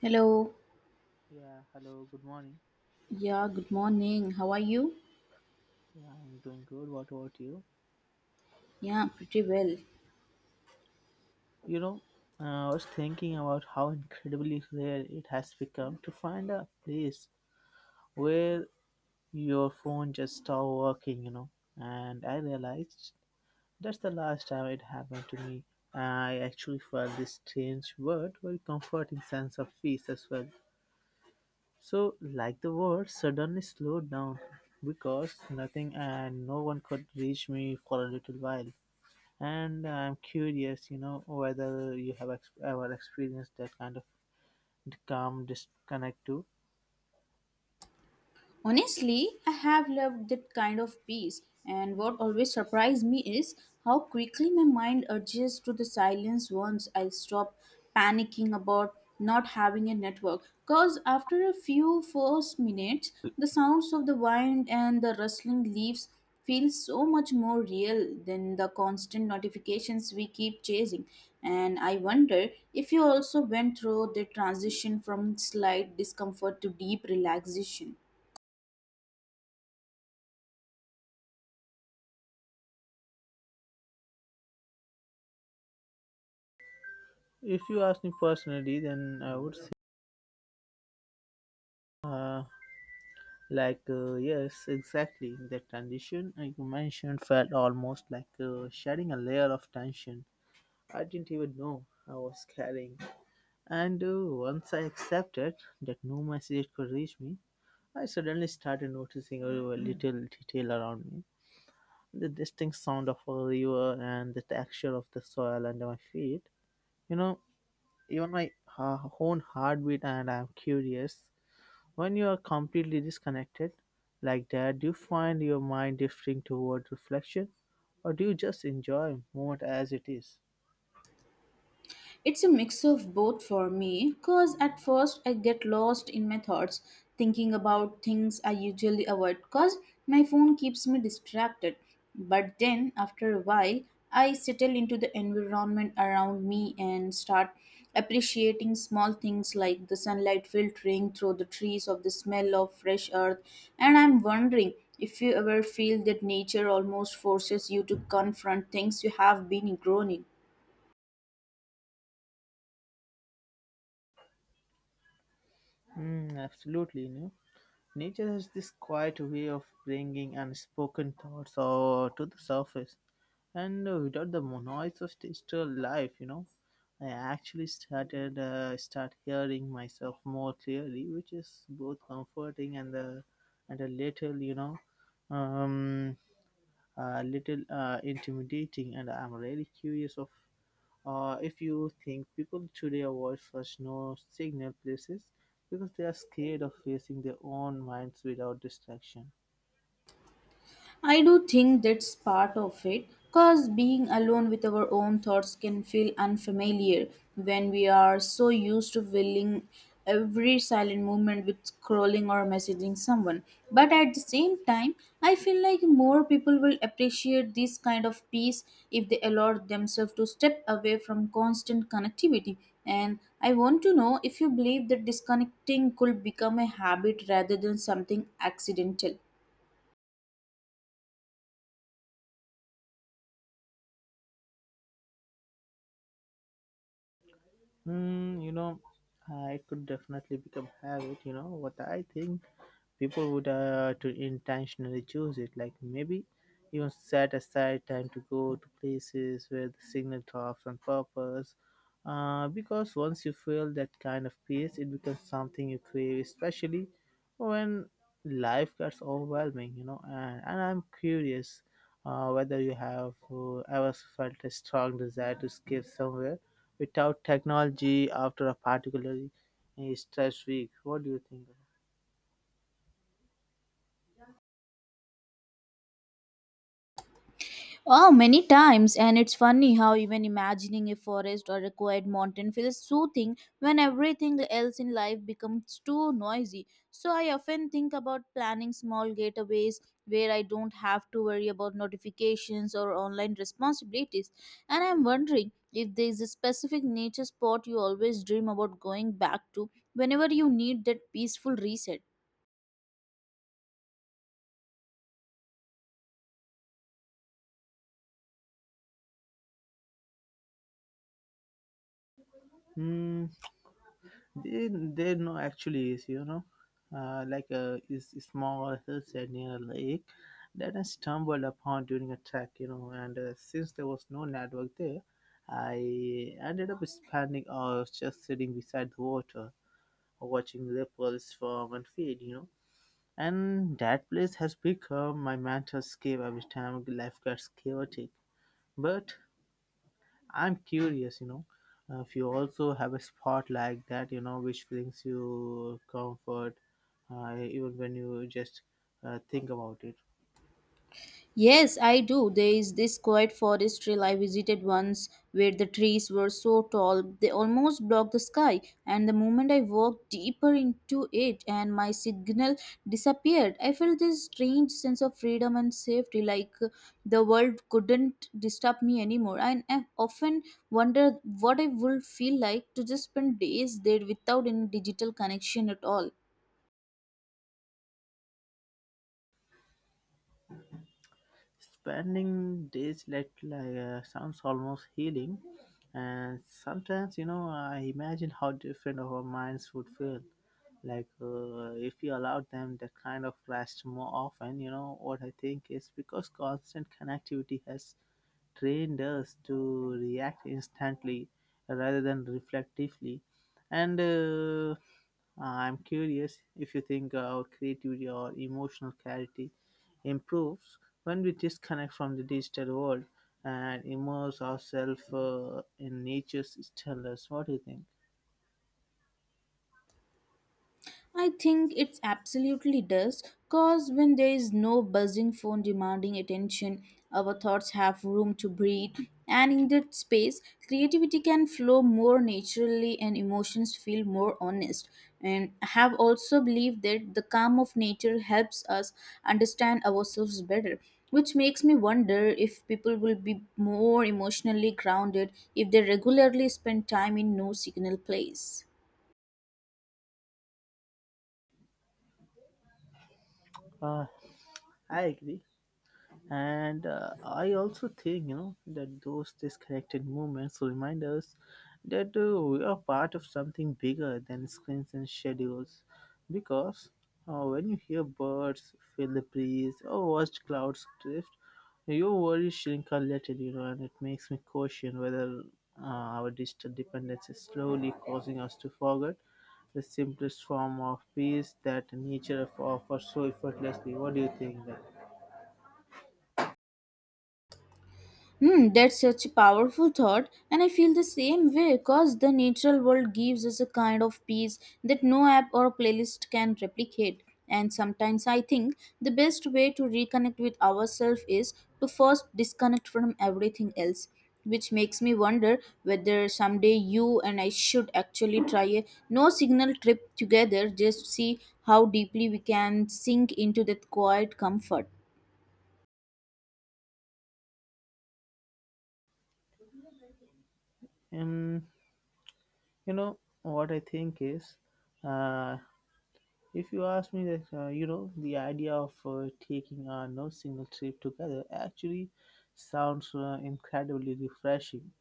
Hello. Yeah, hello, good morning. Yeah, good morning. How are you? Yeah, I'm doing good. What about you? Yeah, pretty well. You know, I was thinking about how incredibly rare it has become to find a place where your phone just stopped working, you know. And I realized that's the last time it happened to me. I actually felt this strange word, very comforting sense of peace as well. So, like the world suddenly slowed down because nothing and no one could reach me for a little while. And I'm curious, you know, whether you have ever experienced that kind of calm disconnect too. Honestly, I have loved that kind of peace, and what always surprised me is how quickly my mind adjusts to the silence once I stop panicking about not having a network. Because after a few first minutes, the sounds of the wind and the rustling leaves feel so much more real than the constant notifications we keep chasing. And I wonder if you also went through the transition from slight discomfort to deep relaxation. If you ask me personally, then I would say, uh, yes, exactly. The transition like you mentioned felt almost like shedding a layer of tension I didn't even know I was carrying. And once I accepted that no message could reach me, I suddenly started noticing a little detail around me, the distinct sound of a river and the texture of the soil under my feet. You know, even my own heartbeat, and I'm curious. When you are completely disconnected like that, do you find your mind drifting toward reflection, or do you just enjoy moment as it is? It's a mix of both for me because at first I get lost in my thoughts thinking about things I usually avoid because my phone keeps me distracted. But then after a while, I settle into the environment around me and start appreciating small things like the sunlight filtering through the trees of the smell of fresh earth. And I'm wondering if you ever feel that nature almost forces you to confront things you have been ignoring. Mm, absolutely, you know. Nature has this quiet way of bringing unspoken thoughts or to the surface, and without the noise of digital life, you know, I actually start hearing myself more clearly, which is both comforting and the and a little, um, a little intimidating. And I'm really curious of if you think people today avoid such no signal places because they are scared of facing their own minds without distraction. I do think that's part of it, because being alone with our own thoughts can feel unfamiliar when we are so used to filling every silent moment with scrolling or messaging someone. But at the same time, I feel like more people will appreciate this kind of peace if they allow themselves to step away from constant connectivity. And I want to know if you believe that disconnecting could become a habit rather than something accidental. Hmm, you know, I could definitely become habit, you know, what I think people would to intentionally choose it, like maybe even set aside time to go to places where the signal drops on purpose, because once you feel that kind of peace it becomes something you crave, especially when life gets overwhelming, you know, and I'm curious whether you have ever felt a strong desire to escape somewhere without technology after a particularly stress week. What do you think? Oh, many times, and it's funny how even imagining a forest or a quiet mountain feels soothing when everything else in life becomes too noisy. So, I often think about planning small getaways where I don't have to worry about notifications or online responsibilities. And I'm wondering if there is a specific nature spot you always dream about going back to whenever you need that peaceful reset. Hmm. They no, actually is, you know, like a, is a small hillside near a lake that I stumbled upon during a trek. You know, and since there was no network there, I ended up spending hours just sitting beside the water, watching ripples form and fade. You know, and that place has become my mental escape every time life gets chaotic. But I'm curious, you know, if you also have a spot like that, you know, which brings you comfort, even when you just think about it. Yes, I do. There is this quiet forest trail I visited once where the trees were so tall they almost blocked the sky. And the moment I walked deeper into it and my signal disappeared, I felt this strange sense of freedom and safety like the world couldn't disturb me anymore. And I often wonder what I would feel like to just spend days there without any digital connection at all. Spending days like sounds almost healing, and sometimes, you know, I imagine how different our minds would feel. Like if you allowed them that kind of rest more often, you know what I think is because constant connectivity has trained us to react instantly rather than reflectively. And I'm curious if you think our creativity or emotional clarity improves when we disconnect from the digital world and immerse ourselves in nature's stillness. What do you think? I think it absolutely does, because when there is no buzzing phone demanding attention, our thoughts have room to breathe, and in that space, creativity can flow more naturally and emotions feel more honest. And I have also believed that the calm of nature helps us understand ourselves better. Which makes me wonder if people will be more emotionally grounded if they regularly spend time in no signal place. Uh, I agree, and I also think, you know, that those disconnected moments remind us that we are part of something bigger than screens and schedules, because when you hear birds, feel the breeze, or watch clouds drift, your worries shrink a little, you know, and it makes me question whether uh, our digital dependence is slowly causing us to forget the simplest form of peace that nature offers so effortlessly. What do you think? Hmm, that's such a powerful thought, and I feel the same way because the natural world gives us a kind of peace that no app or playlist can replicate. And sometimes I think the best way to reconnect with ourselves is to first disconnect from everything else, which makes me wonder whether someday you and I should actually try a no signal trip together just to see how deeply we can sink into that quiet comfort. That you know what I think is, uh, if you ask me that, you know, the idea of taking a no signal trip together actually sounds incredibly refreshing,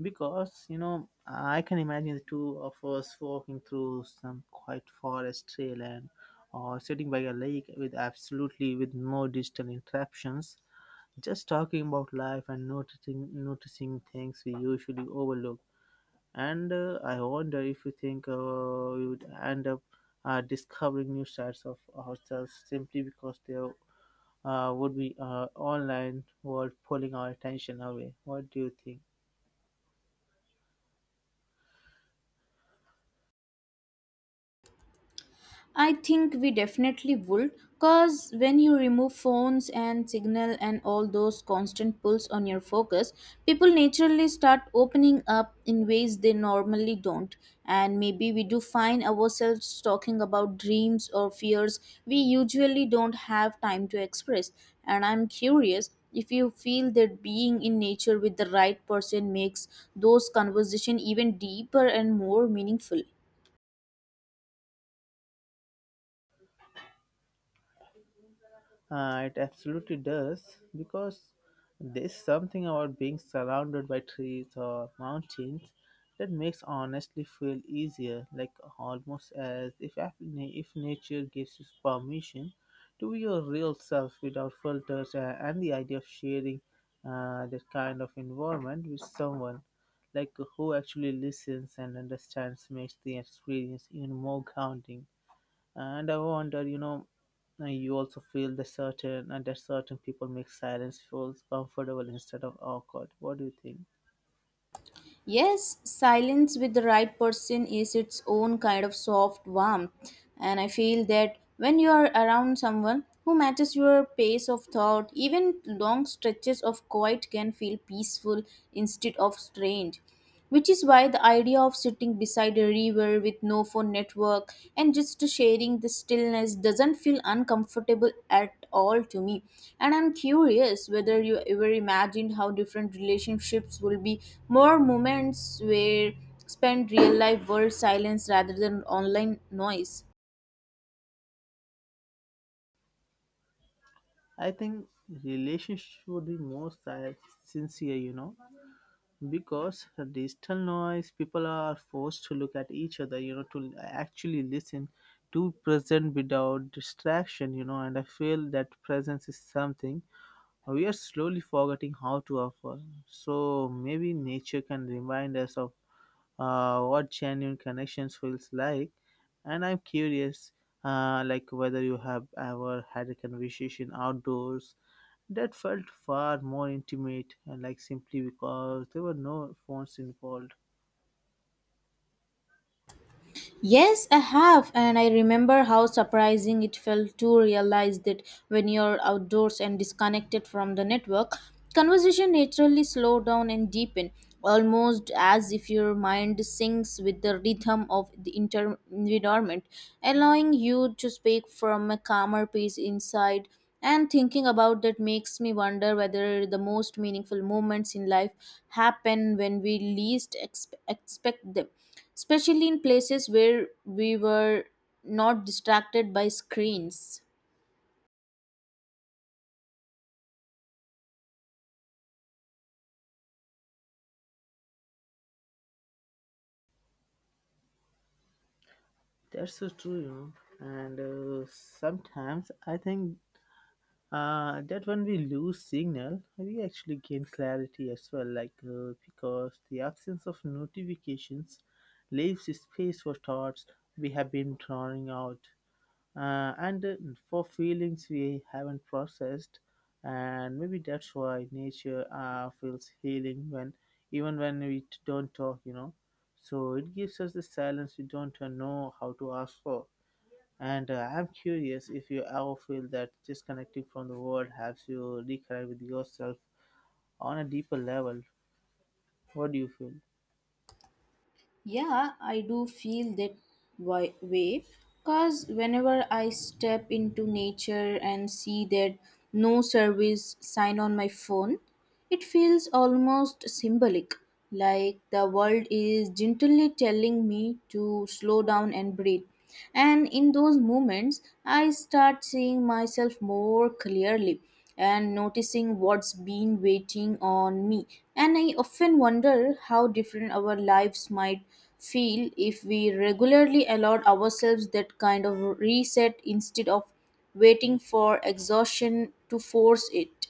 because you know I can imagine the two of us walking through some quiet forest trail and or sitting by a lake with absolutely with no digital interruptions, just talking about life and noticing things we usually overlook, and I wonder if you think we would end up discovering new sides of ourselves simply because there would be online world pulling our attention away. What do you think? I think we definitely would, because when you remove phones and signal and all those constant pulls on your focus, people naturally start opening up in ways they normally don't. And maybe we do find ourselves talking about dreams or fears we usually don't have time to express. And I'm curious if you feel that being in nature with the right person makes those conversations even deeper and more meaningful. It absolutely does, because there's something about being surrounded by trees or mountains that makes honestly feel easier, like almost as if if nature gives you permission to be your real self without filters, and the idea of sharing that kind of environment with someone like who actually listens and understands makes the experience even more grounding. And I wonder, you know, you also feel the certain, and that certain people make silence feels comfortable instead of awkward. What do you think? Yes, silence with the right person is its own kind of soft warmth. And I feel that when you are around someone who matches your pace of thought, even long stretches of quiet can feel peaceful instead of strange, which is why the idea of sitting beside a river with no phone network and just sharing the stillness doesn't feel uncomfortable at all to me. And I'm curious whether you ever imagined how different relationships will be, more moments where spend real life world silence rather than online noise. I think relationship should be more sincere, you know, because the digital noise, people are forced to look at each other, you know, to actually listen, to present without distraction, you know, and I feel that presence is something we are slowly forgetting how to offer. So maybe nature can remind us of what genuine connections feels like, and I'm curious like whether you have ever had a conversation outdoors that felt far more intimate and like simply because there were no phones involved. Yes, I have, and I remember how surprising it felt to realize that when you're outdoors and disconnected from the network, conversation naturally slow down and deepen, almost as if your mind syncs with the rhythm of the environment, allowing you to speak from a calmer pace inside. And thinking about that makes me wonder whether the most meaningful moments in life happen when we least expect them, especially in places where we were not distracted by screens. That's so true, you know, and sometimes I think that when we lose signal we actually gain clarity as well, like because the absence of notifications leaves space for thoughts we have been drawing out, and for feelings we haven't processed, and maybe that's why nature feels healing when, even when we don't talk, you know, so it gives us the silence we don't know how to ask for. And I'm curious if you ever feel that disconnecting from the world helps you reconnect with yourself on a deeper level. What do you feel? Yeah, I do feel that way, because whenever I step into nature and see that no service sign on my phone, it feels almost symbolic, like the world is gently telling me to slow down and breathe. And in those moments, I start seeing myself more clearly and noticing what's been waiting on me. And I often wonder how different our lives might feel if we regularly allowed ourselves that kind of reset instead of waiting for exhaustion to force it.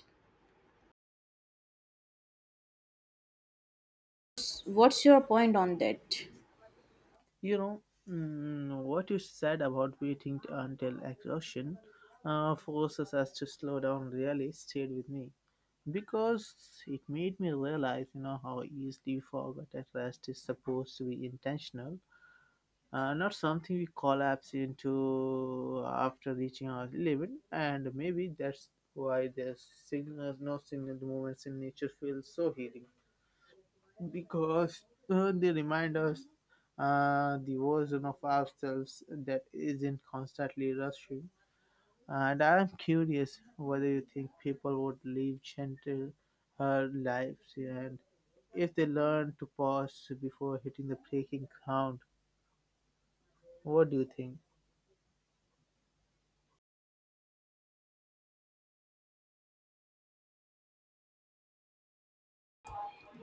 What's your point on that? You know, mm, what you said about waiting until exhaustion forces us to slow down really stayed with me, because it made me realize, you know, how easily we forget that rest is supposed to be intentional, not something we collapse into after reaching our limit. And maybe that's why there's signals, no signal moments in nature feel so healing, because they remind us the version of ourselves that isn't constantly rushing. And I'm curious whether you think people would live gentle lives and if they learn to pause before hitting the breaking ground. What do you think?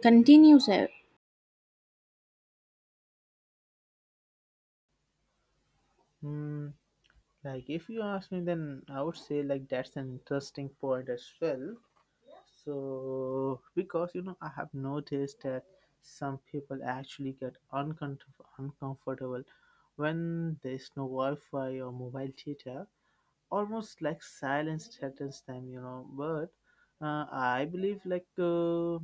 Continue, sir. Hmm, like if you ask me, then I would say like that's an interesting point as well. So, because you know, I have noticed that some people actually get uncomfortable when there is no Wi Fi or mobile data, almost like silence threatens them, you know. But I believe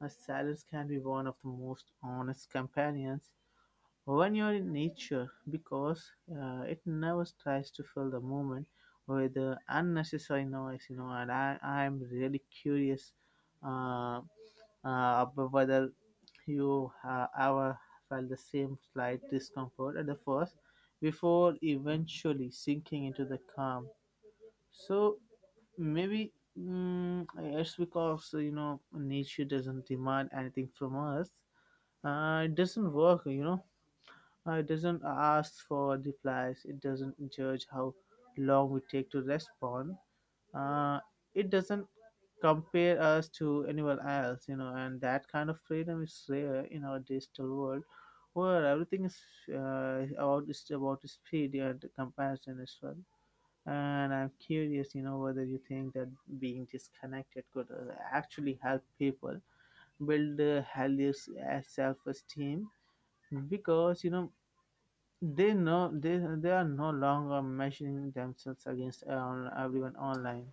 a silence can be one of the most honest companions when you're in nature, because it never tries to fill the moment with the unnecessary noise, you know, and I'm really curious uh, about whether you ever felt the same slight discomfort at the first before eventually sinking into the calm. So maybe, mm, it's because you know nature doesn't demand anything from us. It doesn't work, you know. It doesn't ask for replies. It doesn't judge how long we take to respond. Uh, it doesn't compare us to anyone else, you know, and that kind of freedom is rare in our digital world where everything is is about speed and comparison as well. And I'm curious, you know, whether you think that being disconnected could actually help people build a healthier self esteem, because you know they know they are no longer measuring themselves against everyone online.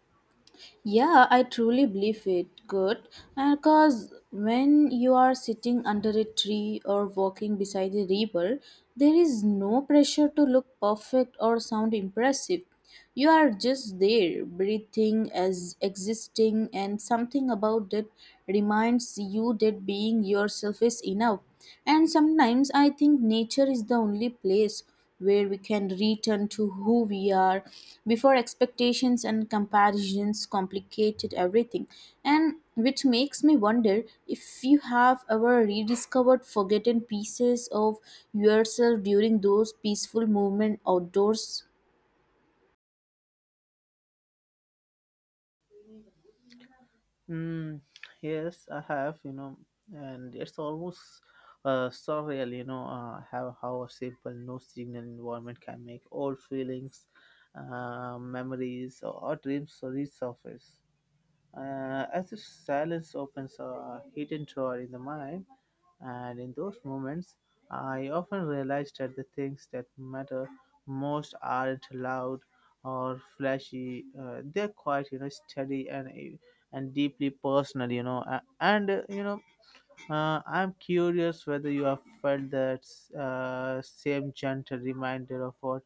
Yeah, I truly believe it. Good. Because when you are sitting under a tree or walking beside a river, there is no pressure to look perfect or sound impressive. You are just there, breathing as existing, and something about it reminds you that being yourself is enough. And sometimes I think nature is the only place where we can return to who we are before expectations and comparisons complicated everything. And which makes me wonder if you have ever rediscovered forgotten pieces of yourself during those peaceful movement outdoors. Mm, yes, I have, you know, and it's almost surreal, you know, how a simple no signal environment can make old feelings, memories, or dreams resurface. As if silence opens a hidden door in the mind, and in those moments, I often realize that the things that matter most aren't loud or flashy. They're quite, you know, steady and deeply personal, you know. A- And You know, I'm curious whether you have felt that same gentle reminder of what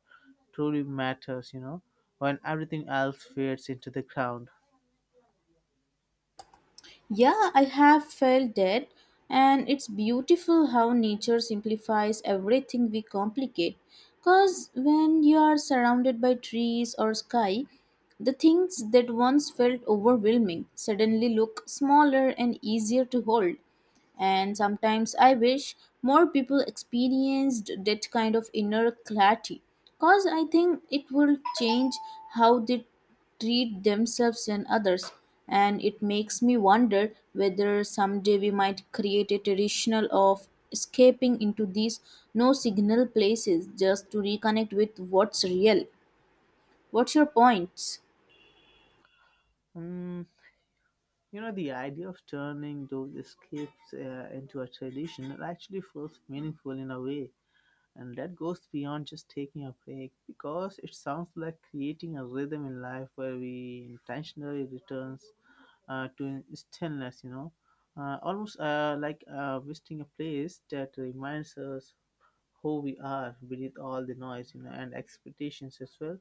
truly matters, you know, when everything else fades into the ground. Yeah, I have felt that, and it's beautiful how nature simplifies everything we complicate. Because when you are surrounded by trees or sky, the things that once felt overwhelming suddenly look smaller and easier to hold. And sometimes I wish more people experienced that kind of inner clarity because I think it will change how they treat themselves and others. And it makes me wonder whether someday we might create a traditional of escaping into these no signal places just to reconnect with what's real. What's your points? Mm, you know, the idea of turning those escapes into a tradition actually feels meaningful in a way, and that goes beyond just taking a break, because it sounds like creating a rhythm in life where we intentionally returns to stillness. You know, almost like visiting a place that reminds us who we are beneath all the noise, you know, and expectations as well.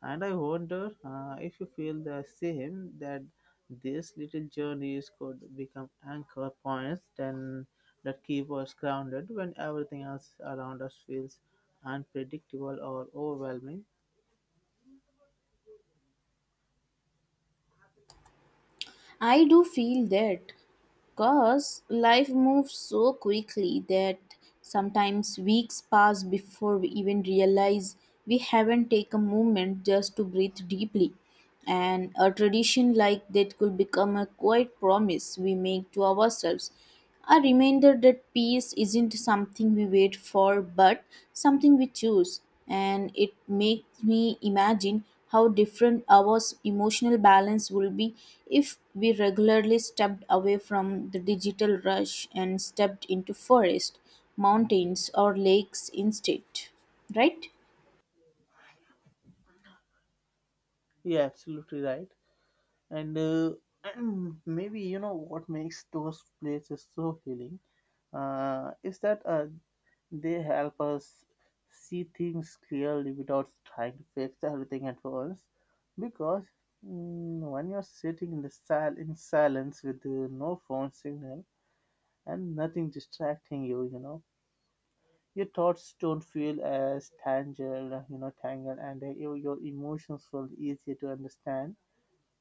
And I wonder if you feel the same that these little journeys could become anchor points then that keep us grounded when everything else around us feels unpredictable or overwhelming. I do feel that. Because life moves so quickly that sometimes weeks pass before we even realize we haven't taken a moment just to breathe deeply. And a tradition like that could become a quiet promise we make to ourselves, a reminder that peace isn't something we wait for but something we choose. And it makes me imagine how different our emotional balance will be if we regularly stepped away from the digital rush and stepped into forest, mountains, or lakes instead. Right? Yeah, absolutely right. And maybe you know what makes those places so healing is that they help us see things clearly without trying to fix everything at once. Because when you're sitting in in silence with no phone signal and nothing distracting you, you know your thoughts don't feel as tangled, tangled, and your emotions feel easier to understand.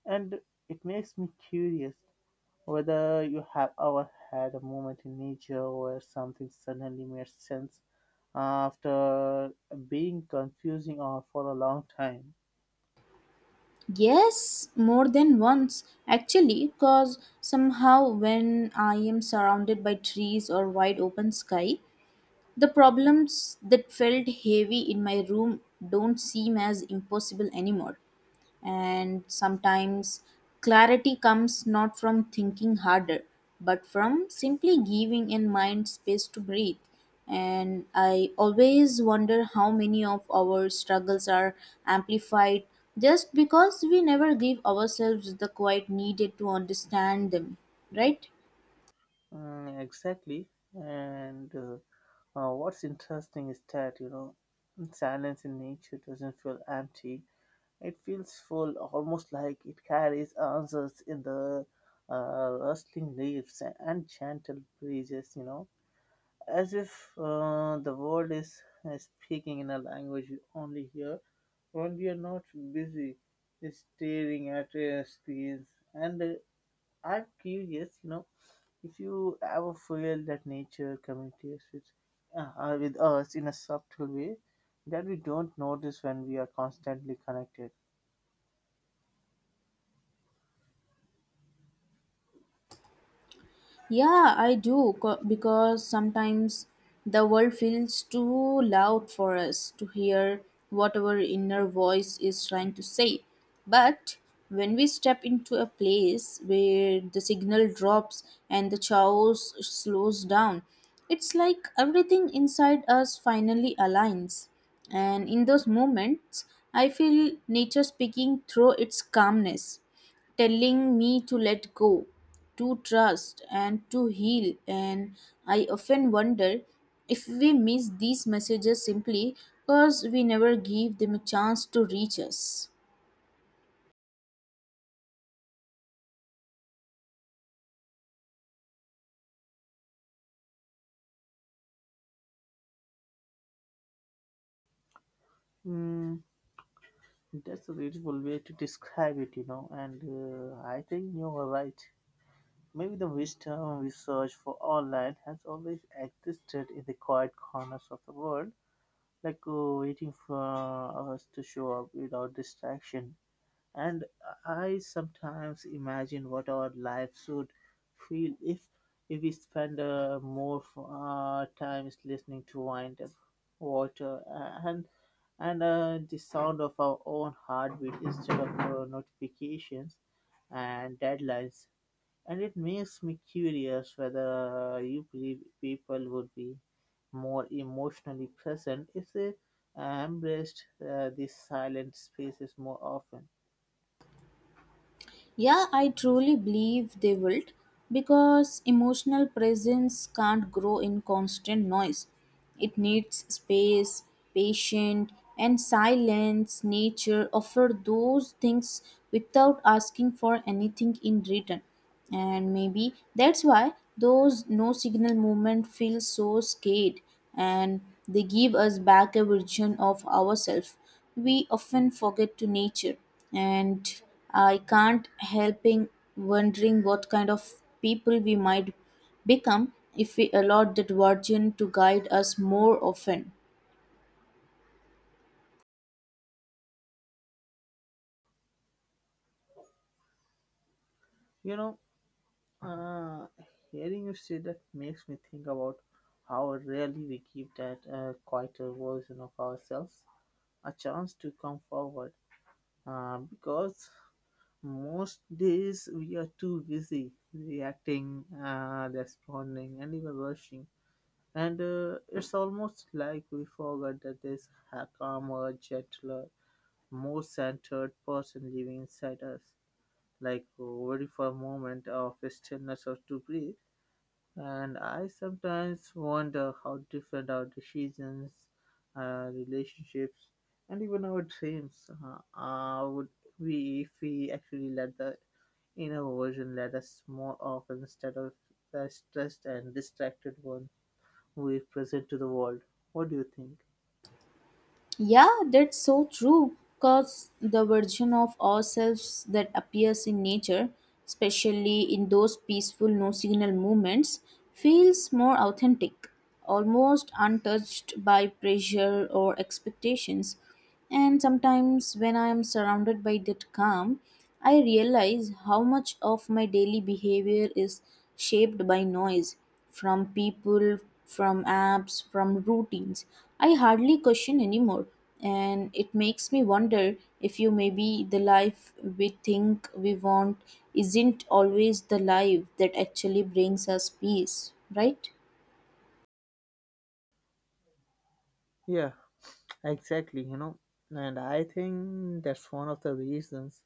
And it makes me curious whether you have ever had a moment in nature where something suddenly made sense after being confusing for a long time. Yes, more than once actually, because somehow when I am surrounded by trees or wide open sky, the problems that felt heavy in my room don't seem as impossible anymore. And sometimes clarity comes not from thinking harder, but from simply giving a mind space to breathe. And I always wonder how many of our struggles are amplified just because we never give ourselves the quiet needed to understand them, right? Mm, exactly. And what's interesting is that, you know, silence in nature doesn't feel empty. It feels full, almost like it carries answers in the rustling leaves and gentle breezes, you know, as if the world is speaking in a language we only hear when we are not busy staring at screens. And I'm curious, you know, if you ever feel that nature communicates with us in a subtle way that we don't notice when we are constantly connected. Yeah, I do because sometimes the world feels too loud for us to hear what our inner voice is trying to say. But when we step into a place where the signal drops and the chaos slows down, it's like everything inside us finally aligns. And in those moments, I feel nature speaking through its calmness telling me to let go, to trust, and to heal. And I often wonder if we miss these messages simply because we never give them a chance to reach us. Mm, that's a beautiful way to describe it, you know, and I think you are right. Maybe the wisdom we search for online has always existed in the quiet corners of the world, like waiting for us to show up without distraction. And I sometimes imagine what our lives would feel if we spend more times listening to wind up water and and the sound of our own heartbeat instead of notifications and deadlines, and it makes me curious whether you believe people would be more emotionally present if they embraced these silent spaces more often. Yeah, I truly believe they will, because emotional presence can't grow in constant noise. It needs space, patience, and silence. Nature offer those things without asking for anything in return. And maybe that's why those no signal movement feel so scared, and they give us back a version of ourselves we often forget to nature. And I can't helping wondering what kind of people we might become if we allowed that version to guide us more often. You know, uh, hearing you say that makes me think about how rarely we give that quieter version of ourselves a chance to come forward. Because most days we are too busy reacting, responding, and even rushing. And it's almost like we forgot that there's a calmer, gentler, more centered person living inside us. Like, waiting for a moment of stillness or to breathe. And I sometimes wonder how different our decisions, relationships, and even our dreams would be if we actually let the inner version let us more often instead of the stressed and distracted one we present to the world. What do you think? Yeah, that's so true. Because the version of ourselves that appears in nature, especially in those peaceful no signal moments, feels more authentic, almost untouched by pressure or expectations. And sometimes, when I am surrounded by that calm, I realize how much of my daily behavior is shaped by noise, from people, from apps, from routines. I hardly question anymore, and it makes me wonder if you maybe the life we think we want isn't always the life that actually brings us peace, right? Yeah, exactly, you know. And I think that's one of the reasons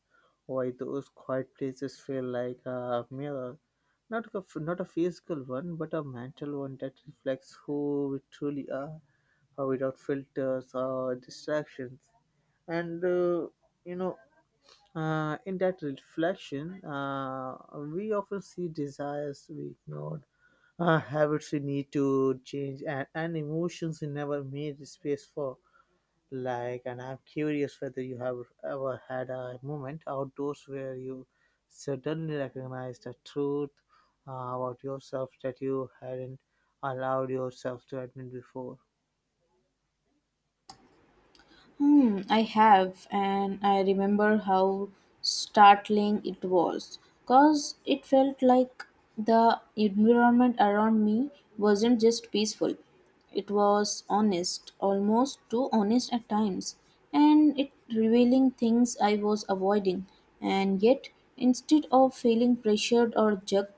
why those quiet places feel like a mirror. Not a physical one, but a mental one that reflects who we truly are, without filters or distractions. And, you know, in that reflection, we often see desires we ignored, habits we need to change, and emotions we never made space for. Like, and I'm curious whether you have ever had a moment outdoors where you suddenly recognized a truth about yourself that you hadn't allowed yourself to admit before. Hmm, I have, and I remember how startling it was because it felt like the environment around me wasn't just peaceful, it was honest, almost too honest at times, and it revealing things I was avoiding. And yet, instead of feeling pressured or judged,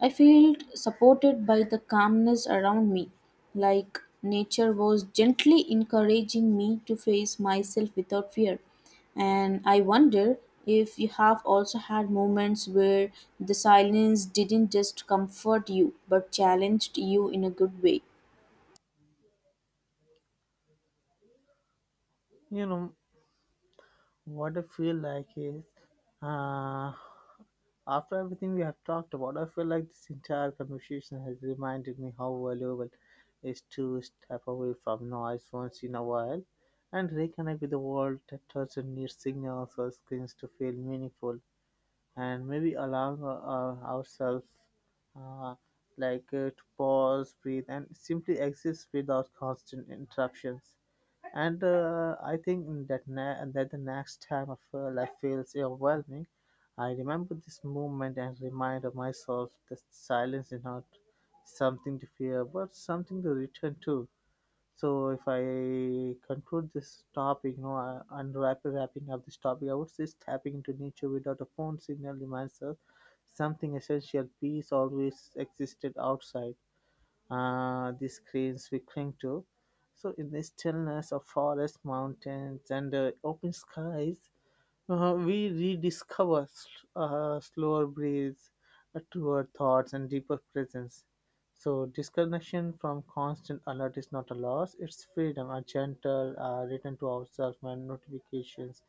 I felt supported by the calmness around me, like nature was gently encouraging me to face myself without fear. And I wonder if you have also had moments where the silence didn't just comfort you but challenged you in a good way. You know, what I feel like is uh, after everything we have talked about, I feel like this entire conversation has reminded me how valuable it is to step away from noise once in a while and reconnect with the world that doesn't need signals or screens to feel meaningful, and maybe allowing ourselves uh, like to pause, breathe, and simply exist without constant interruptions. And I think that that the next time of life feels overwhelming, I remember this moment and remind of myself that silence is not something to fear, but something to return to. So if I conclude this topic, you know, and wrapping up this topic, I would say tapping into nature without a phone signal reminds us something essential. Peace always existed outside the screens we cling to. So in the stillness of forests, mountains, and open skies, we rediscover slower breaths, truer thoughts, and deeper presence. So, disconnection from constant alert is not a loss, it's freedom, a gentle return to ourselves. When notifications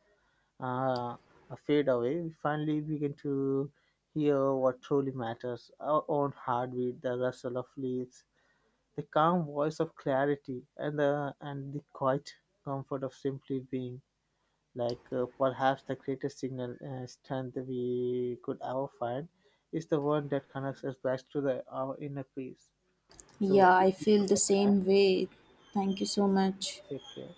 uh, fade away, we finally begin to hear what truly matters: our own heartbeat, the rustle of leaves, the calm voice of clarity, and the quiet comfort of simply being, like perhaps the greatest signal strength we could ever find is the one that connects us back to the our inner peace. So Yeah, I this feel is the from my end. same way. Thank you so much. Take care.